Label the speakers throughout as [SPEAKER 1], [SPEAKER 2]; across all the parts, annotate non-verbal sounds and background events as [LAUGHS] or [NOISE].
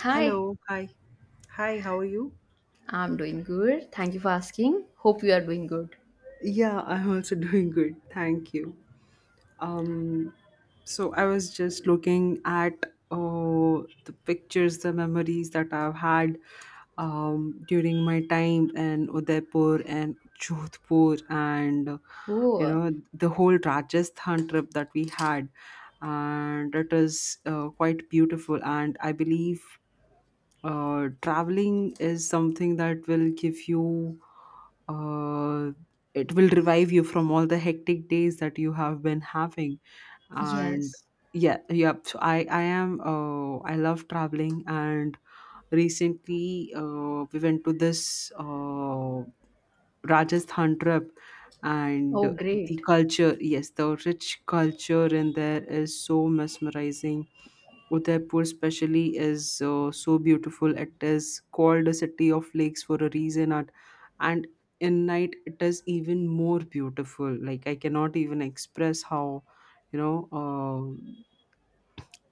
[SPEAKER 1] Hi,
[SPEAKER 2] Hello, hi. Hi, how are you?
[SPEAKER 1] I'm doing good. Thank you for asking. Hope you are doing good.
[SPEAKER 2] Yeah, I'm also [LAUGHS] doing good. Thank you. So I was just looking at oh the pictures, the memories that I've had during my time in Udaipur and Jodhpur, and you
[SPEAKER 1] Oh,
[SPEAKER 2] know the whole Rajasthan trip that we had, and it is quite beautiful. And I believe traveling is something that will give you uh, it will revive you from all the hectic days that you have been having and
[SPEAKER 1] yes.
[SPEAKER 2] yeah, so I am I love traveling and recently we went to this Rajasthan trip and
[SPEAKER 1] Oh,
[SPEAKER 2] the
[SPEAKER 1] great.
[SPEAKER 2] culture. Yes, the rich culture in there is so mesmerizing. Udaipur, especially, is so beautiful. It is called a city of lakes for a reason, and in night it is even more beautiful. Like I cannot even express how, you know,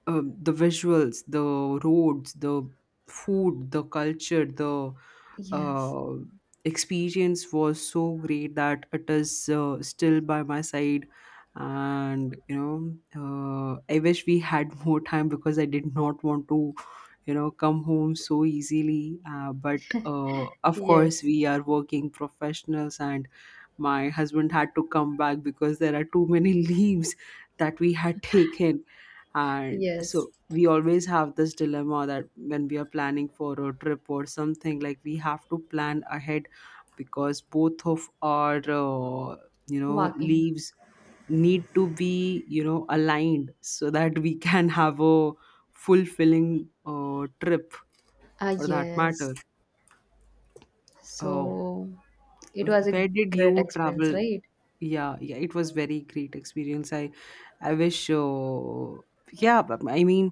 [SPEAKER 2] the visuals, the roads, the food, the culture, the
[SPEAKER 1] Yes.
[SPEAKER 2] uh, experience was so great that it is still by my side and you know I wish we had [LAUGHS] more time because I did not want to come home so easily but of course
[SPEAKER 1] Yes.
[SPEAKER 2] we are working professionals and my husband had to come back because there are too many [LAUGHS] leaves that we had [LAUGHS] taken, and
[SPEAKER 1] Yes.
[SPEAKER 2] so we always have this dilemma that when we are planning for a trip or something, like we have to plan ahead because both of our you know
[SPEAKER 1] Walking.
[SPEAKER 2] leaves need to be you know aligned so that we [LAUGHS] can have a fulfilling trip
[SPEAKER 1] Ah,
[SPEAKER 2] for that
[SPEAKER 1] yes.
[SPEAKER 2] matter. Uh,
[SPEAKER 1] So it was a
[SPEAKER 2] Where did
[SPEAKER 1] great
[SPEAKER 2] you
[SPEAKER 1] experience,
[SPEAKER 2] travel?
[SPEAKER 1] right?
[SPEAKER 2] Yeah, yeah, it was very great experience. I wish. Yeah, but I mean,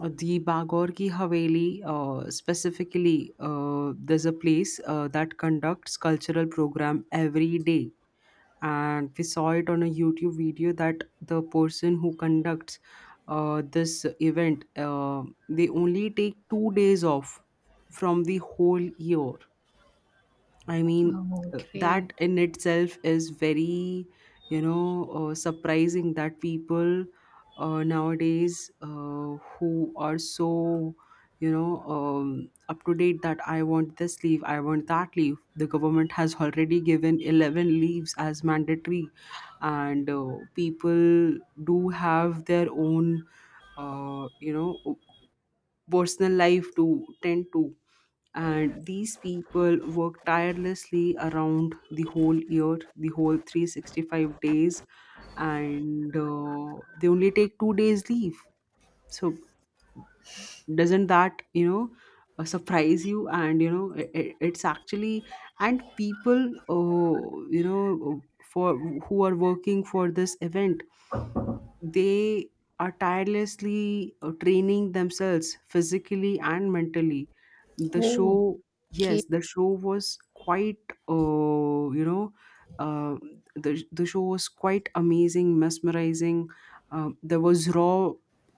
[SPEAKER 2] the Bagor ki Haveli specifically. There's a place that conducts cultural program every day, and we saw it on a YouTube video that the person who conducts this event, they only take 2 days off from the whole year. I mean,
[SPEAKER 1] Oh, great.
[SPEAKER 2] that in itself is very, you know, surprising that people nowadays who are so, you know, up to date that I want this leave, I want that leave. The government has already given 11 leaves as mandatory, and people do have their own, uh, you know, personal life to tend to, and these people work tirelessly around the whole year, the whole 365 days, and they only take 2 days leave, so doesn't that surprise you? And you know it's actually, and people uh, you know for who are working for this event, they are tirelessly training themselves physically and mentally. The show,
[SPEAKER 1] Oh, okay.
[SPEAKER 2] yes, the show was quite uh, you know uh, the, show was quite amazing, mesmerizing. Um, there was raw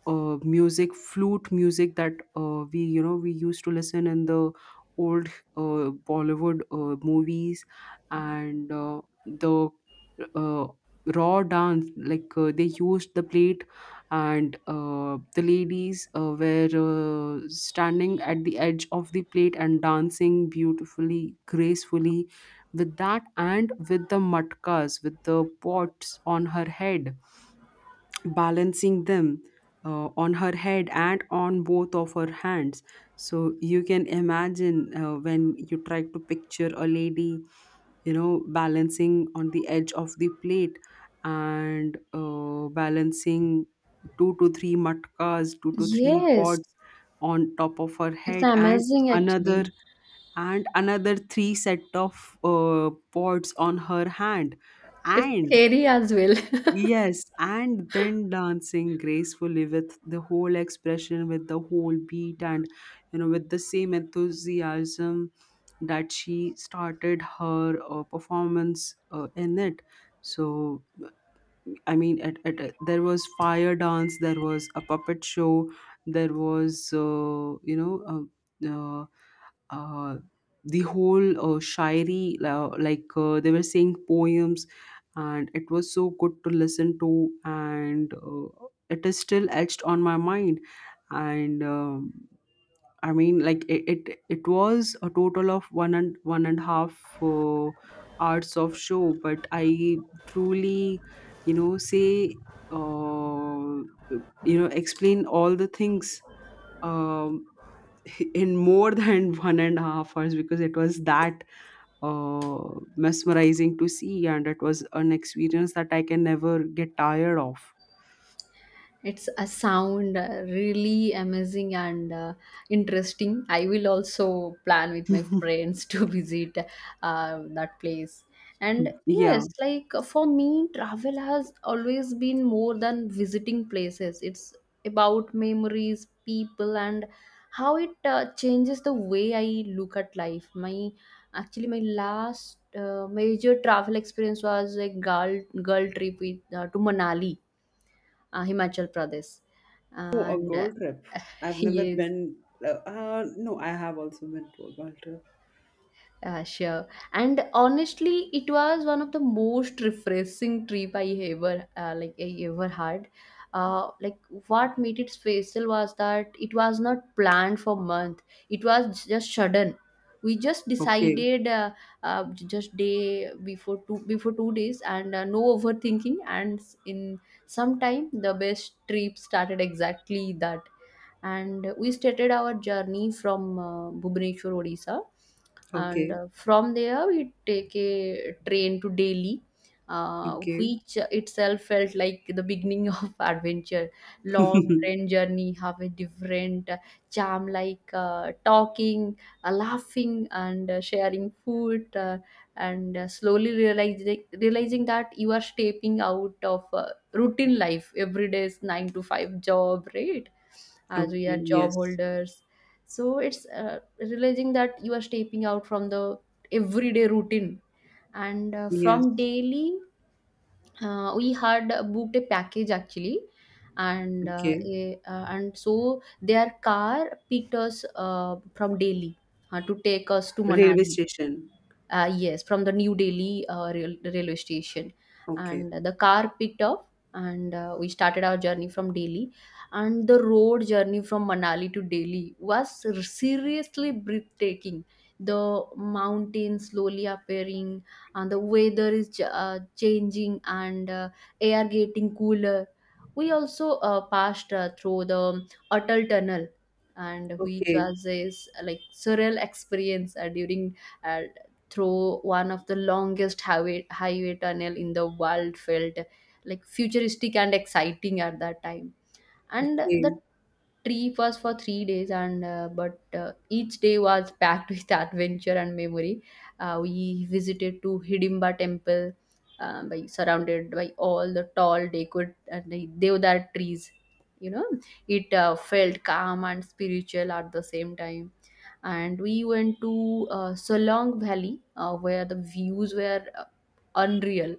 [SPEAKER 2] music, flute music that we, you know, we used to listen in the old Bollywood movies, and the uh, raw dance, like they used the plate, and the ladies were standing at the edge of the plate and dancing beautifully, gracefully with that, and with the matkas, with the pots on her head, balancing them on her head and on both of her hands. So you can imagine when you try to picture a lady, you know, balancing on the edge of the plate and balancing two to three matkas, two to three
[SPEAKER 1] Yes.
[SPEAKER 2] pots on top of her
[SPEAKER 1] It's
[SPEAKER 2] head, and
[SPEAKER 1] amazing,
[SPEAKER 2] another,
[SPEAKER 1] actually.
[SPEAKER 2] and another three set of pots on her hand,
[SPEAKER 1] It's
[SPEAKER 2] and
[SPEAKER 1] scary as well. [LAUGHS]
[SPEAKER 2] yes, and then dancing gracefully with the whole expression, with the whole beat, and you know, with the same enthusiasm that she started her performance in it. So, I mean, there was fire dance, there was a puppet show, there was, uh, uh, uh, the whole shairi, like they were saying poems, and it was so good to listen to, and it is still etched on my mind. And I mean, it was a total of one and one and a half hours of show, but I truly, you know, say, uh, you know, explain all the things. Um, [LAUGHS] in more than [LAUGHS] 1.5 hours because it was that uh, mesmerizing to see, and it was an experience that I can never get tired of.
[SPEAKER 1] It's a sound, really amazing and interesting. I will also plan with my friends to [LAUGHS] visit that place. And
[SPEAKER 2] Yeah.
[SPEAKER 1] yes, like for me, travel has always been more than visiting places. It's about memories, people, and how it changes the way I look at life. My last major travel experience was a girl trip with, to Manali, Himachal Pradesh.
[SPEAKER 2] Oh, a
[SPEAKER 1] And
[SPEAKER 2] girl trip.
[SPEAKER 1] [LAUGHS]
[SPEAKER 2] I've never
[SPEAKER 1] yes.
[SPEAKER 2] been. No, I have also been to a girl trip.
[SPEAKER 1] Sure. And honestly, it was one of the most refreshing trip I ever had. Like what made it special was that it was not planned for month. It was just sudden. We just
[SPEAKER 2] Okay.
[SPEAKER 1] decided just day before, 2 days, and no overthinking. And in some time, the best trip started exactly that. And we started our journey from Bhubaneswar, Odisha, and
[SPEAKER 2] Okay.
[SPEAKER 1] from there we take a train to Delhi,
[SPEAKER 2] Okay.
[SPEAKER 1] which itself felt like the beginning [LAUGHS] of adventure. Long
[SPEAKER 2] [LAUGHS]
[SPEAKER 1] train journey have a different charm, like talking, laughing, and sharing food, and slowly realizing that you are stepping out of routine life. Every day is 9 to 5 job, right,
[SPEAKER 2] Okay.
[SPEAKER 1] as we are job
[SPEAKER 2] Yes.
[SPEAKER 1] holders. So it's realizing that you are stepping out from the everyday routine, and
[SPEAKER 2] Yes.
[SPEAKER 1] from daily we had booked a package actually. And
[SPEAKER 2] Okay.
[SPEAKER 1] so their car picked us from Delhi to take us to
[SPEAKER 2] Railway
[SPEAKER 1] Manali.
[SPEAKER 2] station.
[SPEAKER 1] Yes, from the New Delhi railway station.
[SPEAKER 2] Okay.
[SPEAKER 1] And the car picked up, and we started our journey from Delhi. And the road journey from Manali to Delhi was seriously breathtaking. The mountains slowly appearing, and the weather is changing, and air getting cooler. We also passed through the Atal Tunnel, and which
[SPEAKER 2] Okay.
[SPEAKER 1] was like surreal experience during uh, through one of the longest highway tunnel in the world. Felt like futuristic and exciting at that time. And
[SPEAKER 2] Okay.
[SPEAKER 1] tree was for 3 days, and but each day was packed [LAUGHS] with adventure and memory. We visited to Hidimba Temple, by surrounded by all the tall decorated and the deodar trees, you know, it felt calm and spiritual at the same time. And we went to Solong Valley, where the views were unreal.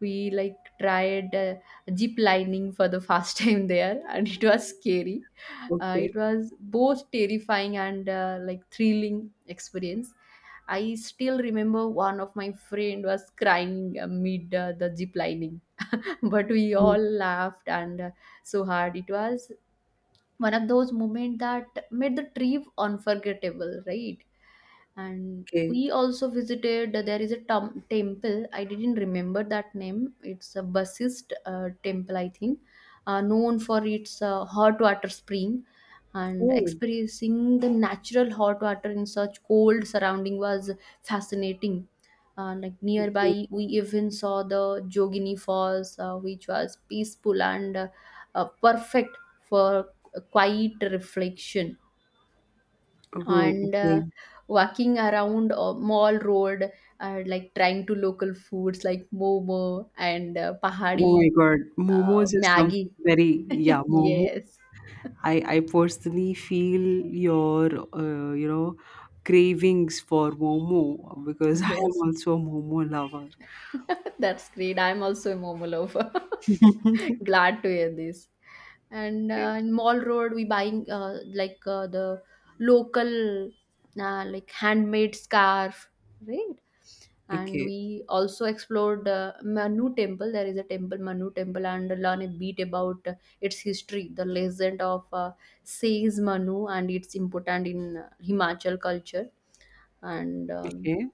[SPEAKER 1] We like tried zip lining for the first [LAUGHS] time there, and it was scary.
[SPEAKER 2] Okay.
[SPEAKER 1] It was both terrifying and like thrilling experience. I still remember one of my friend was crying amid the zip lining, [LAUGHS] but we
[SPEAKER 2] Hmm.
[SPEAKER 1] all laughed and so hard. It was one of those moments that made the trip unforgettable, right? And
[SPEAKER 2] Okay.
[SPEAKER 1] we also visited, there is a temple, I didn't remember that name. It's a Basist temple, I think, known for its hot water spring. And
[SPEAKER 2] Oh.
[SPEAKER 1] experiencing the natural hot water in such cold surrounding was fascinating. Like
[SPEAKER 2] Okay.
[SPEAKER 1] nearby, we even saw the Jogini Falls, which was peaceful and perfect for a quiet reflection.
[SPEAKER 2] Oh.
[SPEAKER 1] And
[SPEAKER 2] Okay.
[SPEAKER 1] walking around Mall Road, like trying to local foods like momo and
[SPEAKER 2] Oh my
[SPEAKER 1] pahadi
[SPEAKER 2] God, momos is something
[SPEAKER 1] maggie.
[SPEAKER 2] very, yeah,
[SPEAKER 1] [LAUGHS]
[SPEAKER 2] momo.
[SPEAKER 1] Yes,
[SPEAKER 2] I personally feel your uh, you know cravings for momo because [LAUGHS] I am
[SPEAKER 1] yes.
[SPEAKER 2] also a momo lover.
[SPEAKER 1] [LAUGHS] That's great. I'm also a Momo lover. [LAUGHS]
[SPEAKER 2] [LAUGHS]
[SPEAKER 1] Glad to hear this. And in Mall Road, we buying like the local, like handmade scarf, right? And
[SPEAKER 2] Okay,
[SPEAKER 1] we also explored Manu Temple. There is a temple, Manu Temple, and learn a bit about its history, the legend of Sage Manu, and its important in Himachal culture and
[SPEAKER 2] okay,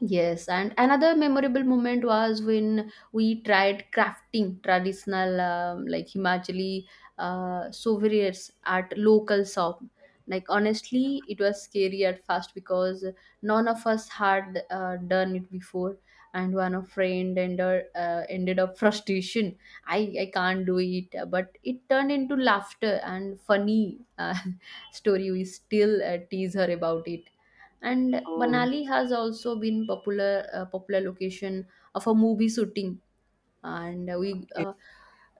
[SPEAKER 1] Yes, and another memorable moment was when we tried crafting traditional, like Himachali, souvenirs at local shop. Like honestly, it was scary at first because none of us had done it before, and one of friend ended up [LAUGHS] frustration. I can't do it, but it turned into laughter and funny, [LAUGHS] story. We still tease her about it. And
[SPEAKER 2] okay,
[SPEAKER 1] Banali has also been popular location of a movie shooting. And we
[SPEAKER 2] okay,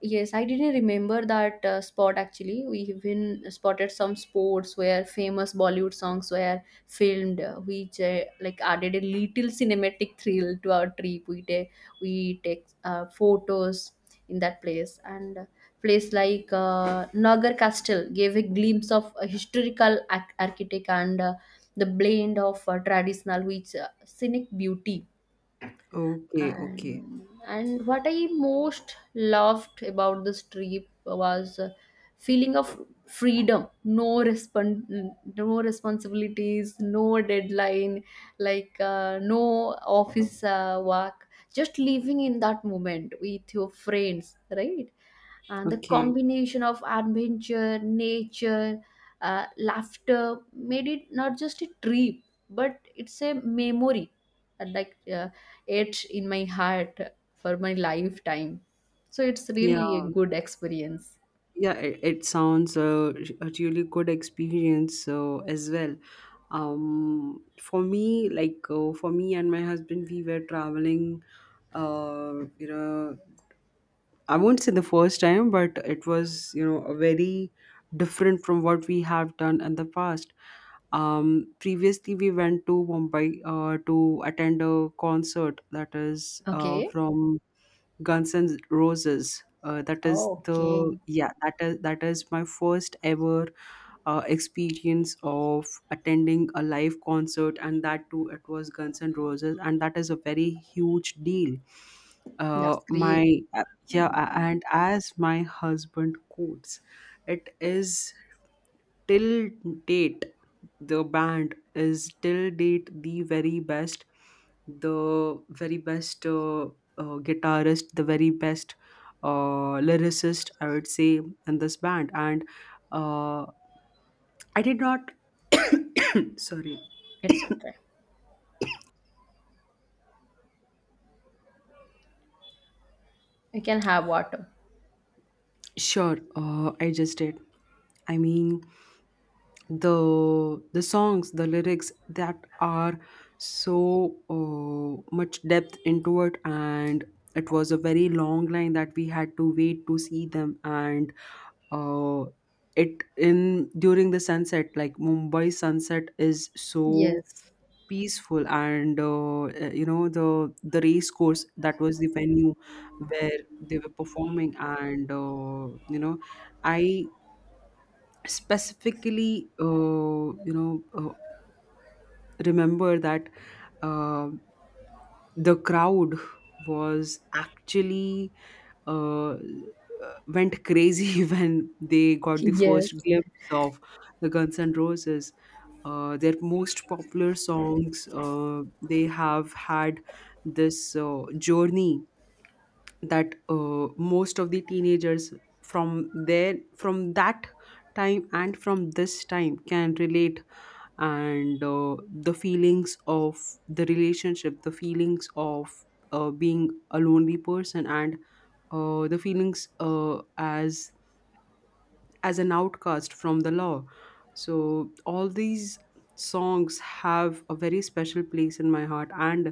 [SPEAKER 1] yes, I didn't remember that spot actually. We even spotted some spots where famous Bollywood songs were filmed, which, like, added a little cinematic thrill to our trip. We take photos in that place. And place like Nagar Castle gave a glimpse of a historical architect, and the blend of traditional with scenic beauty.
[SPEAKER 2] okay, okay,
[SPEAKER 1] And and what I most loved about this trip was feeling of freedom, no responsibilities, no deadline, like no office work, just living in that moment with your friends, right? And the
[SPEAKER 2] okay.
[SPEAKER 1] combination of adventure, nature, laughter made it not just a trip, but it's a memory, uh, like uh, etched in my heart for my lifetime. So it's
[SPEAKER 2] Yeah,
[SPEAKER 1] really a good experience.
[SPEAKER 2] yeah. It sounds a really good experience as well. For me, for me and my husband, we were traveling uh, you know, I won't say the first time, but it was, you know, a very different from what we have done in the past. Previously, we went to Mumbai to attend a concert that is
[SPEAKER 1] Okay.
[SPEAKER 2] from Guns N' Roses. That is the,
[SPEAKER 1] Okay.
[SPEAKER 2] yeah, that is my first ever experience of attending a live concert, and that too, it was Guns N' Roses, and that is a very huge deal.
[SPEAKER 1] That's great.
[SPEAKER 2] My uh, yeah, and as my husband quotes, it is till date the band is till date the very best, the very best guitarist, the very best lyricist, I would say, in this band. And uh, I did not. [COUGHS] Sorry.
[SPEAKER 1] It's okay. You can have water.
[SPEAKER 2] Sure. I just did. I mean, the songs, the lyrics that are so much depth into it, and it was a very long line that we had to wait to see them, and uh, it in during the sunset, like Mumbai sunset is so
[SPEAKER 1] Yes.
[SPEAKER 2] peaceful. And you know, the race course that was the venue where they were performing. And you know, I specifically remember that uh, the crowd was actually uh, uh, went crazy [LAUGHS] when they got the
[SPEAKER 1] Yes.
[SPEAKER 2] first glimpse of the Guns N' Roses. Their most popular songs, they have had this journey that most of the teenagers from there, from that time and from this time, can relate, and the feelings of the relationship, the feelings of being a lonely person, and the feelings as an outcast from the law, so all these songs have a very special place in my heart and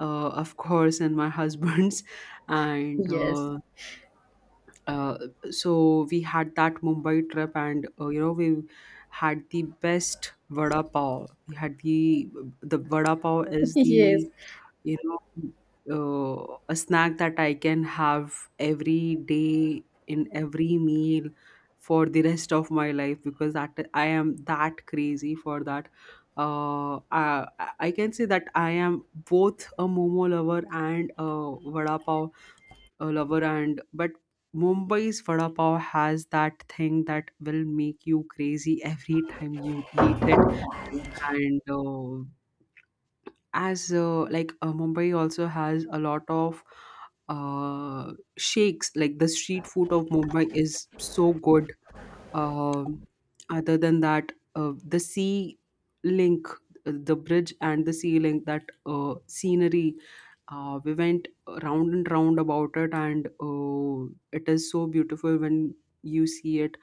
[SPEAKER 2] of [LAUGHS] course in my husband's [LAUGHS] and
[SPEAKER 1] Yes.
[SPEAKER 2] uh, so we had that Mumbai trip, and you know, we had the best vada pav. We had The vada pav
[SPEAKER 1] [LAUGHS]
[SPEAKER 2] is
[SPEAKER 1] Yes.
[SPEAKER 2] the, you know, a snack that I can have every day in every meal for the rest of my life because that I am that crazy for that. Uh, I, I can say that I am both a momo lover and a vada pav a lover, and but Mumbai's vada pav has that thing that will make you crazy every time you eat it. And as like Mumbai also has a lot of shakes, like the street food of Mumbai is so good. Um Other than that, the sea link, the bridge and the sea link, that scenery, we went round and round about it, and it is so beautiful when you see it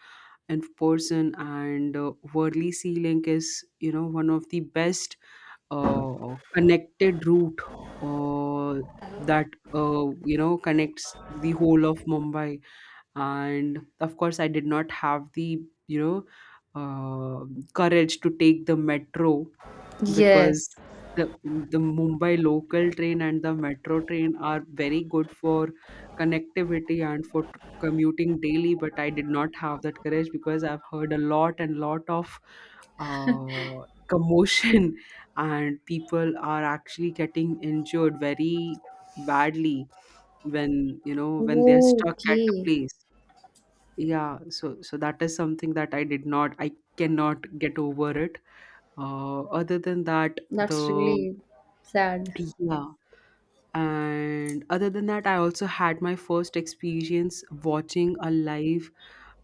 [SPEAKER 2] in person. And Worli Sea Link is, you know, one of the best connected route uh, that you know, connects the whole of Mumbai. And of course, I did not have the you know uh, courage to take the metro
[SPEAKER 1] Yes.
[SPEAKER 2] because the the Mumbai local train and the metro train are very good for connectivity and for commuting daily, but I did not have that courage because I've heard a lot and lot of commotion [LAUGHS] and people are actually getting injured very badly when you know when they're stuck at a
[SPEAKER 1] Okay.
[SPEAKER 2] place. Yeah, so so that is something that I did not, I cannot get over it. Other than that,
[SPEAKER 1] That's
[SPEAKER 2] the
[SPEAKER 1] really sad.
[SPEAKER 2] Yeah, and other than that, I also had my first experience watching a live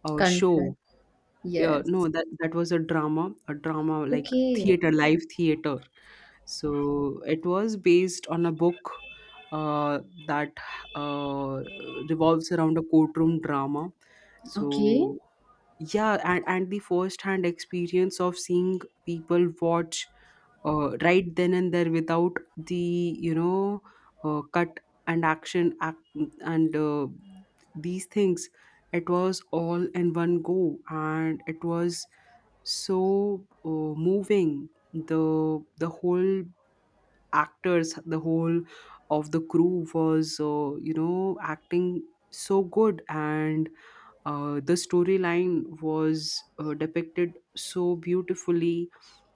[SPEAKER 1] Confess.
[SPEAKER 2] show. Yeah,
[SPEAKER 1] Yes.
[SPEAKER 2] no, that was a drama like
[SPEAKER 1] Okay.
[SPEAKER 2] theater, live theater. So it was based on a book uh, that uh, revolves around a courtroom drama.
[SPEAKER 1] Okay.
[SPEAKER 2] So yeah and the first hand experience of seeing people watch right then and there without the cut and action act, and these things, it was all in one go, and it was so moving. The whole actors, the whole of the crew was acting so good, and the storyline was depicted so beautifully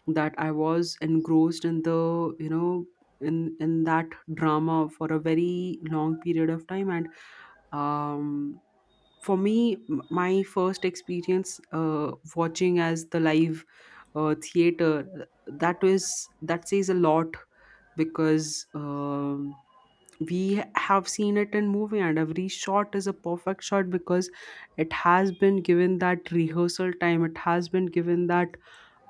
[SPEAKER 2] that I was engrossed in the you know in that drama for a very long period of time. And um, for me, my first experience watching as the live theater, that was, that says a lot, because we have seen it in movie and every shot is a perfect shot because it has been given that rehearsal time, it has been given that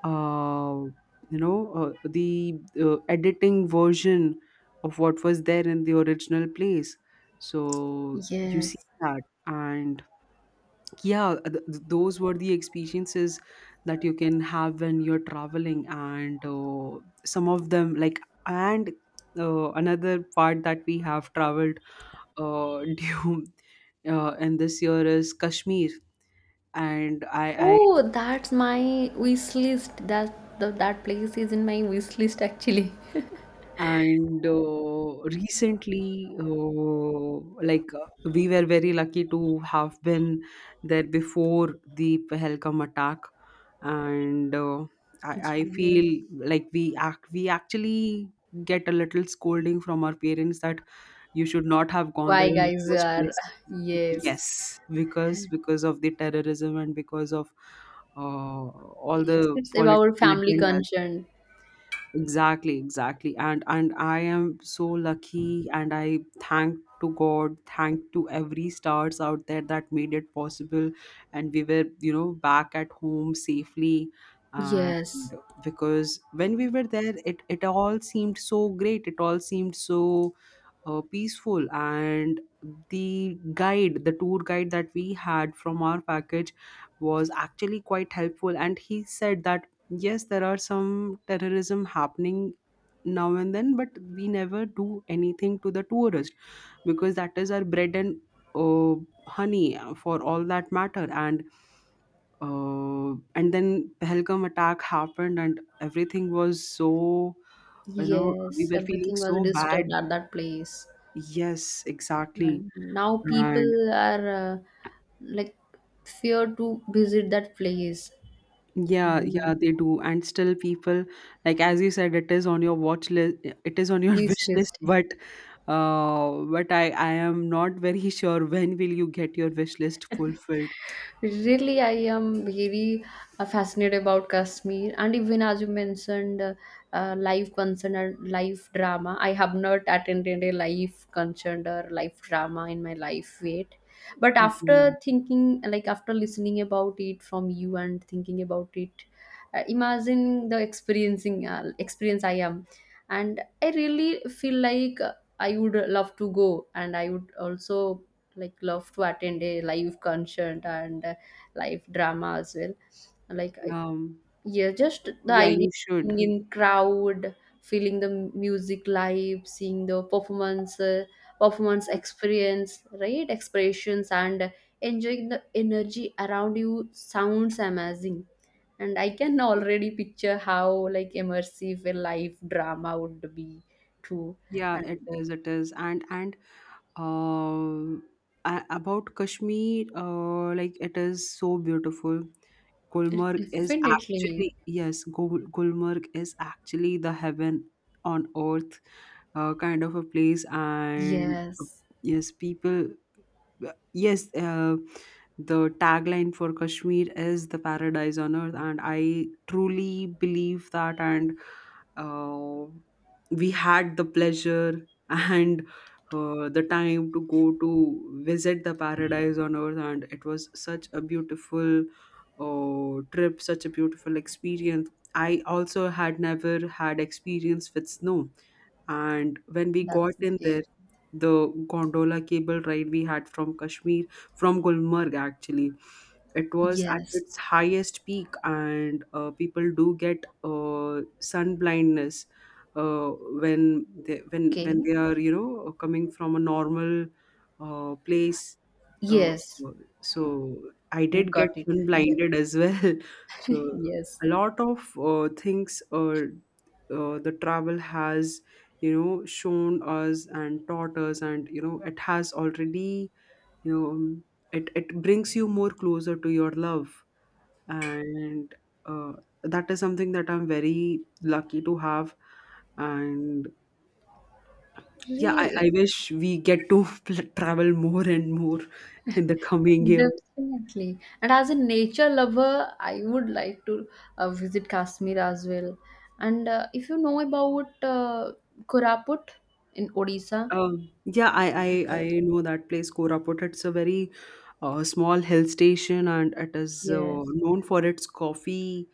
[SPEAKER 2] uh, the editing version of what was there in the original place, so you see
[SPEAKER 1] Yes.
[SPEAKER 2] that. And yeah, those were the experiences that you can have when you're traveling. And some of them like, and another part that we have traveled uh, [LAUGHS] due, and this year, is Kashmir. And I
[SPEAKER 1] Oh, that's my wish list. That place is in my wish list actually.
[SPEAKER 2] and recently, we were very lucky to have been there before the Pahalgam attack. And I
[SPEAKER 1] Yes.
[SPEAKER 2] feel like we actually get a little scolding from our parents that you should not have gone there
[SPEAKER 1] Why
[SPEAKER 2] in the
[SPEAKER 1] guys
[SPEAKER 2] first
[SPEAKER 1] are,
[SPEAKER 2] place.
[SPEAKER 1] yes.
[SPEAKER 2] Yes, because of the terrorism and because of all
[SPEAKER 1] Yes.
[SPEAKER 2] the
[SPEAKER 1] It's about
[SPEAKER 2] political
[SPEAKER 1] family
[SPEAKER 2] agendas.
[SPEAKER 1] concern.
[SPEAKER 2] Exactly, exactly. And I am so lucky, and I thank to God, thank to every stars out there that made it possible, and we were, you know, back at home safely.
[SPEAKER 1] Yes.
[SPEAKER 2] And because when we were there, it all seemed so great, it all seemed so peaceful. And the guide, the tour guide that we had from our package, was actually quite helpful, and he said that yes, there are some terrorism happening now and then, but we never do anything to the tourist, because that is our bread and uh, honey for all that matter. And and then Pahalgam attack happened and everything was so, you know, we
[SPEAKER 1] Yes.
[SPEAKER 2] were feeling
[SPEAKER 1] Everything was
[SPEAKER 2] so bad.
[SPEAKER 1] disturbed at that place.
[SPEAKER 2] Yes, exactly.
[SPEAKER 1] And now
[SPEAKER 2] And
[SPEAKER 1] people are like fear to visit that place.
[SPEAKER 2] yeah,
[SPEAKER 1] Yeah.
[SPEAKER 2] yeah, they do. And still, people, like as you said, it is on your watch list, it is on your [LAUGHS] wish list,
[SPEAKER 1] Wishlist.
[SPEAKER 2] but I am not very sure when will you get your wish list fulfilled.
[SPEAKER 1] Really, I am very fascinated about Kashmir. And even as you mentioned, live concert and live drama. I have not attended a live concert or live drama in my life yet, but
[SPEAKER 2] Yeah,
[SPEAKER 1] after thinking, like after listening about it from you and thinking about it, imagine the experiencing experience I am. And I really feel like, I would love to go. And I would also like love to attend a live concert and live drama as well, like I-
[SPEAKER 2] um,
[SPEAKER 1] yeah, just the
[SPEAKER 2] yeah,
[SPEAKER 1] idea
[SPEAKER 2] you
[SPEAKER 1] of
[SPEAKER 2] should.
[SPEAKER 1] being in crowd, feeling the music live, seeing the performance
[SPEAKER 2] Yes.
[SPEAKER 1] experience, right, expressions, and enjoying the energy around you sounds amazing. And I can already picture how like immersive a live drama would be too.
[SPEAKER 2] Yeah,
[SPEAKER 1] And
[SPEAKER 2] it is, it is. And uh, about Kashmir, like it is so beautiful. Gulmarg is
[SPEAKER 1] definitely.
[SPEAKER 2] actually, yes, Gulmarg is actually the heaven on earth kind of a place. And
[SPEAKER 1] Yes.
[SPEAKER 2] yes, people, uh, yes uh, the tagline for Kashmir is the paradise on earth, and I truly believe that. And uh, we had the pleasure and the time to go to visit the paradise on earth, and it was such a beautiful trip, such a beautiful experience. I also had never had experience with snow, and when we got
[SPEAKER 1] That's
[SPEAKER 2] in there,
[SPEAKER 1] great.
[SPEAKER 2] the gondola cable ride we had from Kashmir, from Gulmarg actually. It was at
[SPEAKER 1] Yes.
[SPEAKER 2] its highest peak, and people do get sun blindness uh, when
[SPEAKER 1] Okay.
[SPEAKER 2] they are, you know, coming from a normal place. Uh,
[SPEAKER 1] Yes.
[SPEAKER 2] so I did get
[SPEAKER 1] Got it.
[SPEAKER 2] sun
[SPEAKER 1] Yes.
[SPEAKER 2] blinded as well. [LAUGHS] So
[SPEAKER 1] [LAUGHS] Yes.
[SPEAKER 2] a lot of things the travel has, you know, shown us and taught us, and you know, it has already, you know it it brings you more closer to your love. And uh, that is something that I'm very lucky to have. And yeah,
[SPEAKER 1] Really,
[SPEAKER 2] I
[SPEAKER 1] it's
[SPEAKER 2] wish we get to [LAUGHS] travel more and more in the coming year.
[SPEAKER 1] definitely. And as a nature lover, I would like to visit Kashmir as well. And if you know about Koraput in Odisha,
[SPEAKER 2] Yeah, I know that place, Koraput. It's a very small hill station, and it is
[SPEAKER 1] yes.
[SPEAKER 2] known for its coffee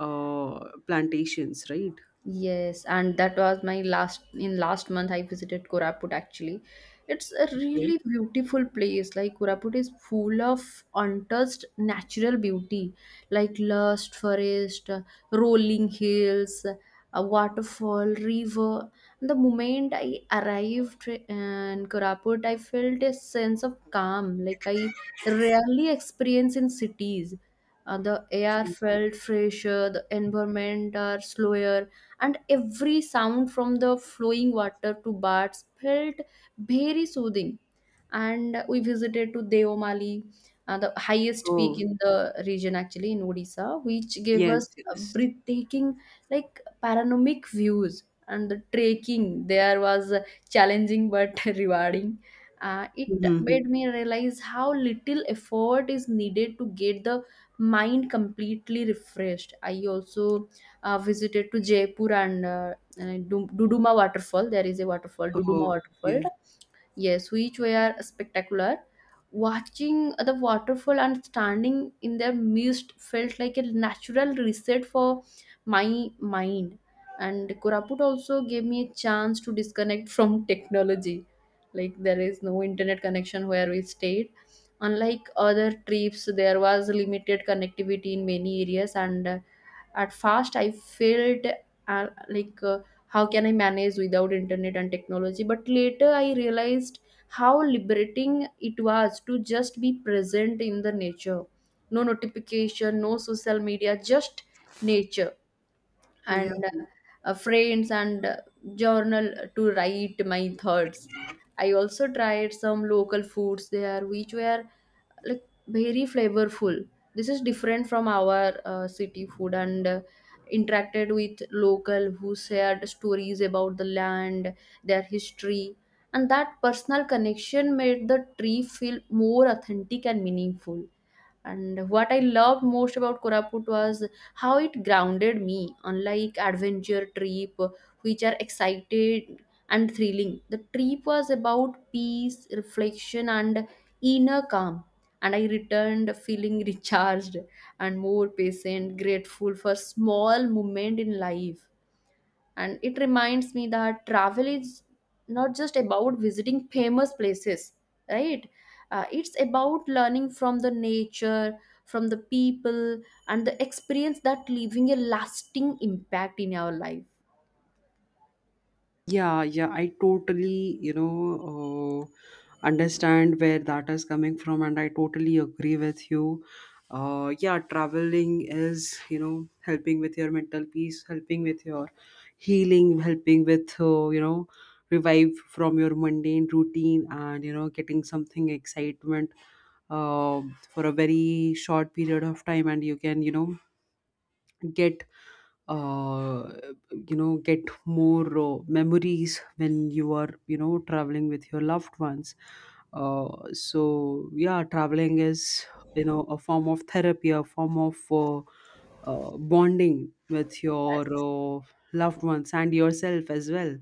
[SPEAKER 2] plantations, right?
[SPEAKER 1] Yes, and that was my last in last month I visited Koraput actually. It's a
[SPEAKER 2] Okay.
[SPEAKER 1] really beautiful place. Like Koraput is full of untouched natural beauty, like lush forest, rolling hills, a waterfall, river. And the moment I arrived in Koraput, I felt a sense of calm, like I rarely experience in cities. The air
[SPEAKER 2] Okay.
[SPEAKER 1] felt fresher, the environment are slower, and every sound from the flowing water to birds felt very soothing. And we visited to Deomali, the highest peak
[SPEAKER 2] Oh,
[SPEAKER 1] in the region, actually in Odisha, which gave
[SPEAKER 2] yes,
[SPEAKER 1] us a
[SPEAKER 2] yes.
[SPEAKER 1] breathtaking, like, panoramic views. And the trekking there was challenging but [LAUGHS] rewarding. It
[SPEAKER 2] Mm-hmm.
[SPEAKER 1] made me realize how little effort is needed to get the mind completely refreshed. I also visited to Jaipur and Duduma waterfall. There is a waterfall, Duduma
[SPEAKER 2] Oh,
[SPEAKER 1] waterfall. Yes, which were spectacular. Watching the waterfall and standing in their mist felt like a natural reset for my mind. And Koraput also gave me a chance to disconnect from [LAUGHS] technology. Like there is no internet connection where we stayed. Unlike other trips, there was limited connectivity in many areas, and at first I felt, uh, like uh, how can I manage without internet and technology. But later I realized how liberating it was to just be present in the nature. No notification, no social media, just nature and
[SPEAKER 2] yeah.
[SPEAKER 1] friends and journal to write my thoughts. I also tried some local foods there, which were like very flavorful. This is different from our city food. And interacted with local who shared stories about the land, their history, and that personal connection made the tree feel more authentic and meaningful. And what I loved most about Koraput was how it grounded me, unlike adventure trip, which are excited and thrilling. The trip was about peace, reflection, and inner calm. And I returned feeling [LAUGHS] recharged and more patient, grateful for small moment in life. And it reminds me that travel is not just about visiting famous places, right? It's about learning from the nature, from the people, and the experience that leaving a lasting impact in our life.
[SPEAKER 2] Yeah, yeah, I totally, you know, understand where that is coming from, and I totally agree with you. Yeah, traveling is, you know, helping with your mental peace, helping with your healing, helping with, you know, revive from your mundane routine, and you know, getting something excitement uh, for a very short period of time, and you can, you know, get uh, you know, get more memories when you are, you know, traveling with your loved ones. So yeah, traveling is, you know, a form of therapy, a form of bonding with your loved ones and yourself as well,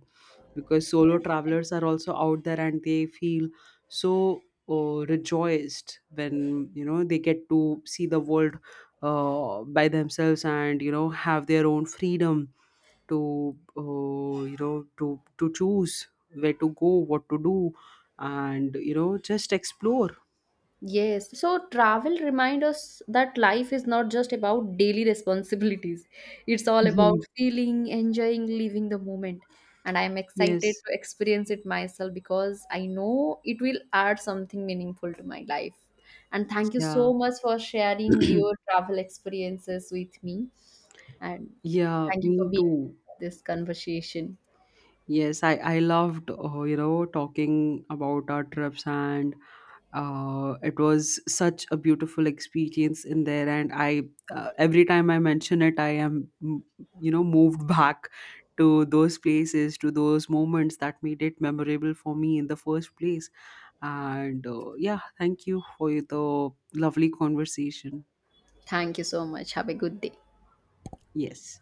[SPEAKER 2] because solo travelers
[SPEAKER 1] Yes.
[SPEAKER 2] are also out there, and they feel so rejoiced when, you know, they get to see the world by themselves, and you know, have their own freedom to to choose where to go, what to do, and you know, just explore.
[SPEAKER 1] Yes, so travel reminds us that life is not just about daily [LAUGHS] responsibilities. It's all about
[SPEAKER 2] Mhm.
[SPEAKER 1] feeling, enjoying, living the moment. And I'm excited
[SPEAKER 2] Yes.
[SPEAKER 1] to experience it myself because I know it will add something meaningful to my life. And thank you
[SPEAKER 2] Yeah.
[SPEAKER 1] so much for sharing
[SPEAKER 2] [CLEARS THROAT]
[SPEAKER 1] your travel experiences with me. And
[SPEAKER 2] Yeah,
[SPEAKER 1] thank you
[SPEAKER 2] me
[SPEAKER 1] for being
[SPEAKER 2] too.
[SPEAKER 1] this conversation.
[SPEAKER 2] Yes, I loved you know, talking about our trips. And it was such a beautiful experience in there. And I, every time I mention it, I am you know, moved [LAUGHS] back to those places, to those moments that made it memorable for me in the first place. And yeah, thank you for the lovely conversation.
[SPEAKER 1] Thank you so much. Have a good day.
[SPEAKER 2] Yes.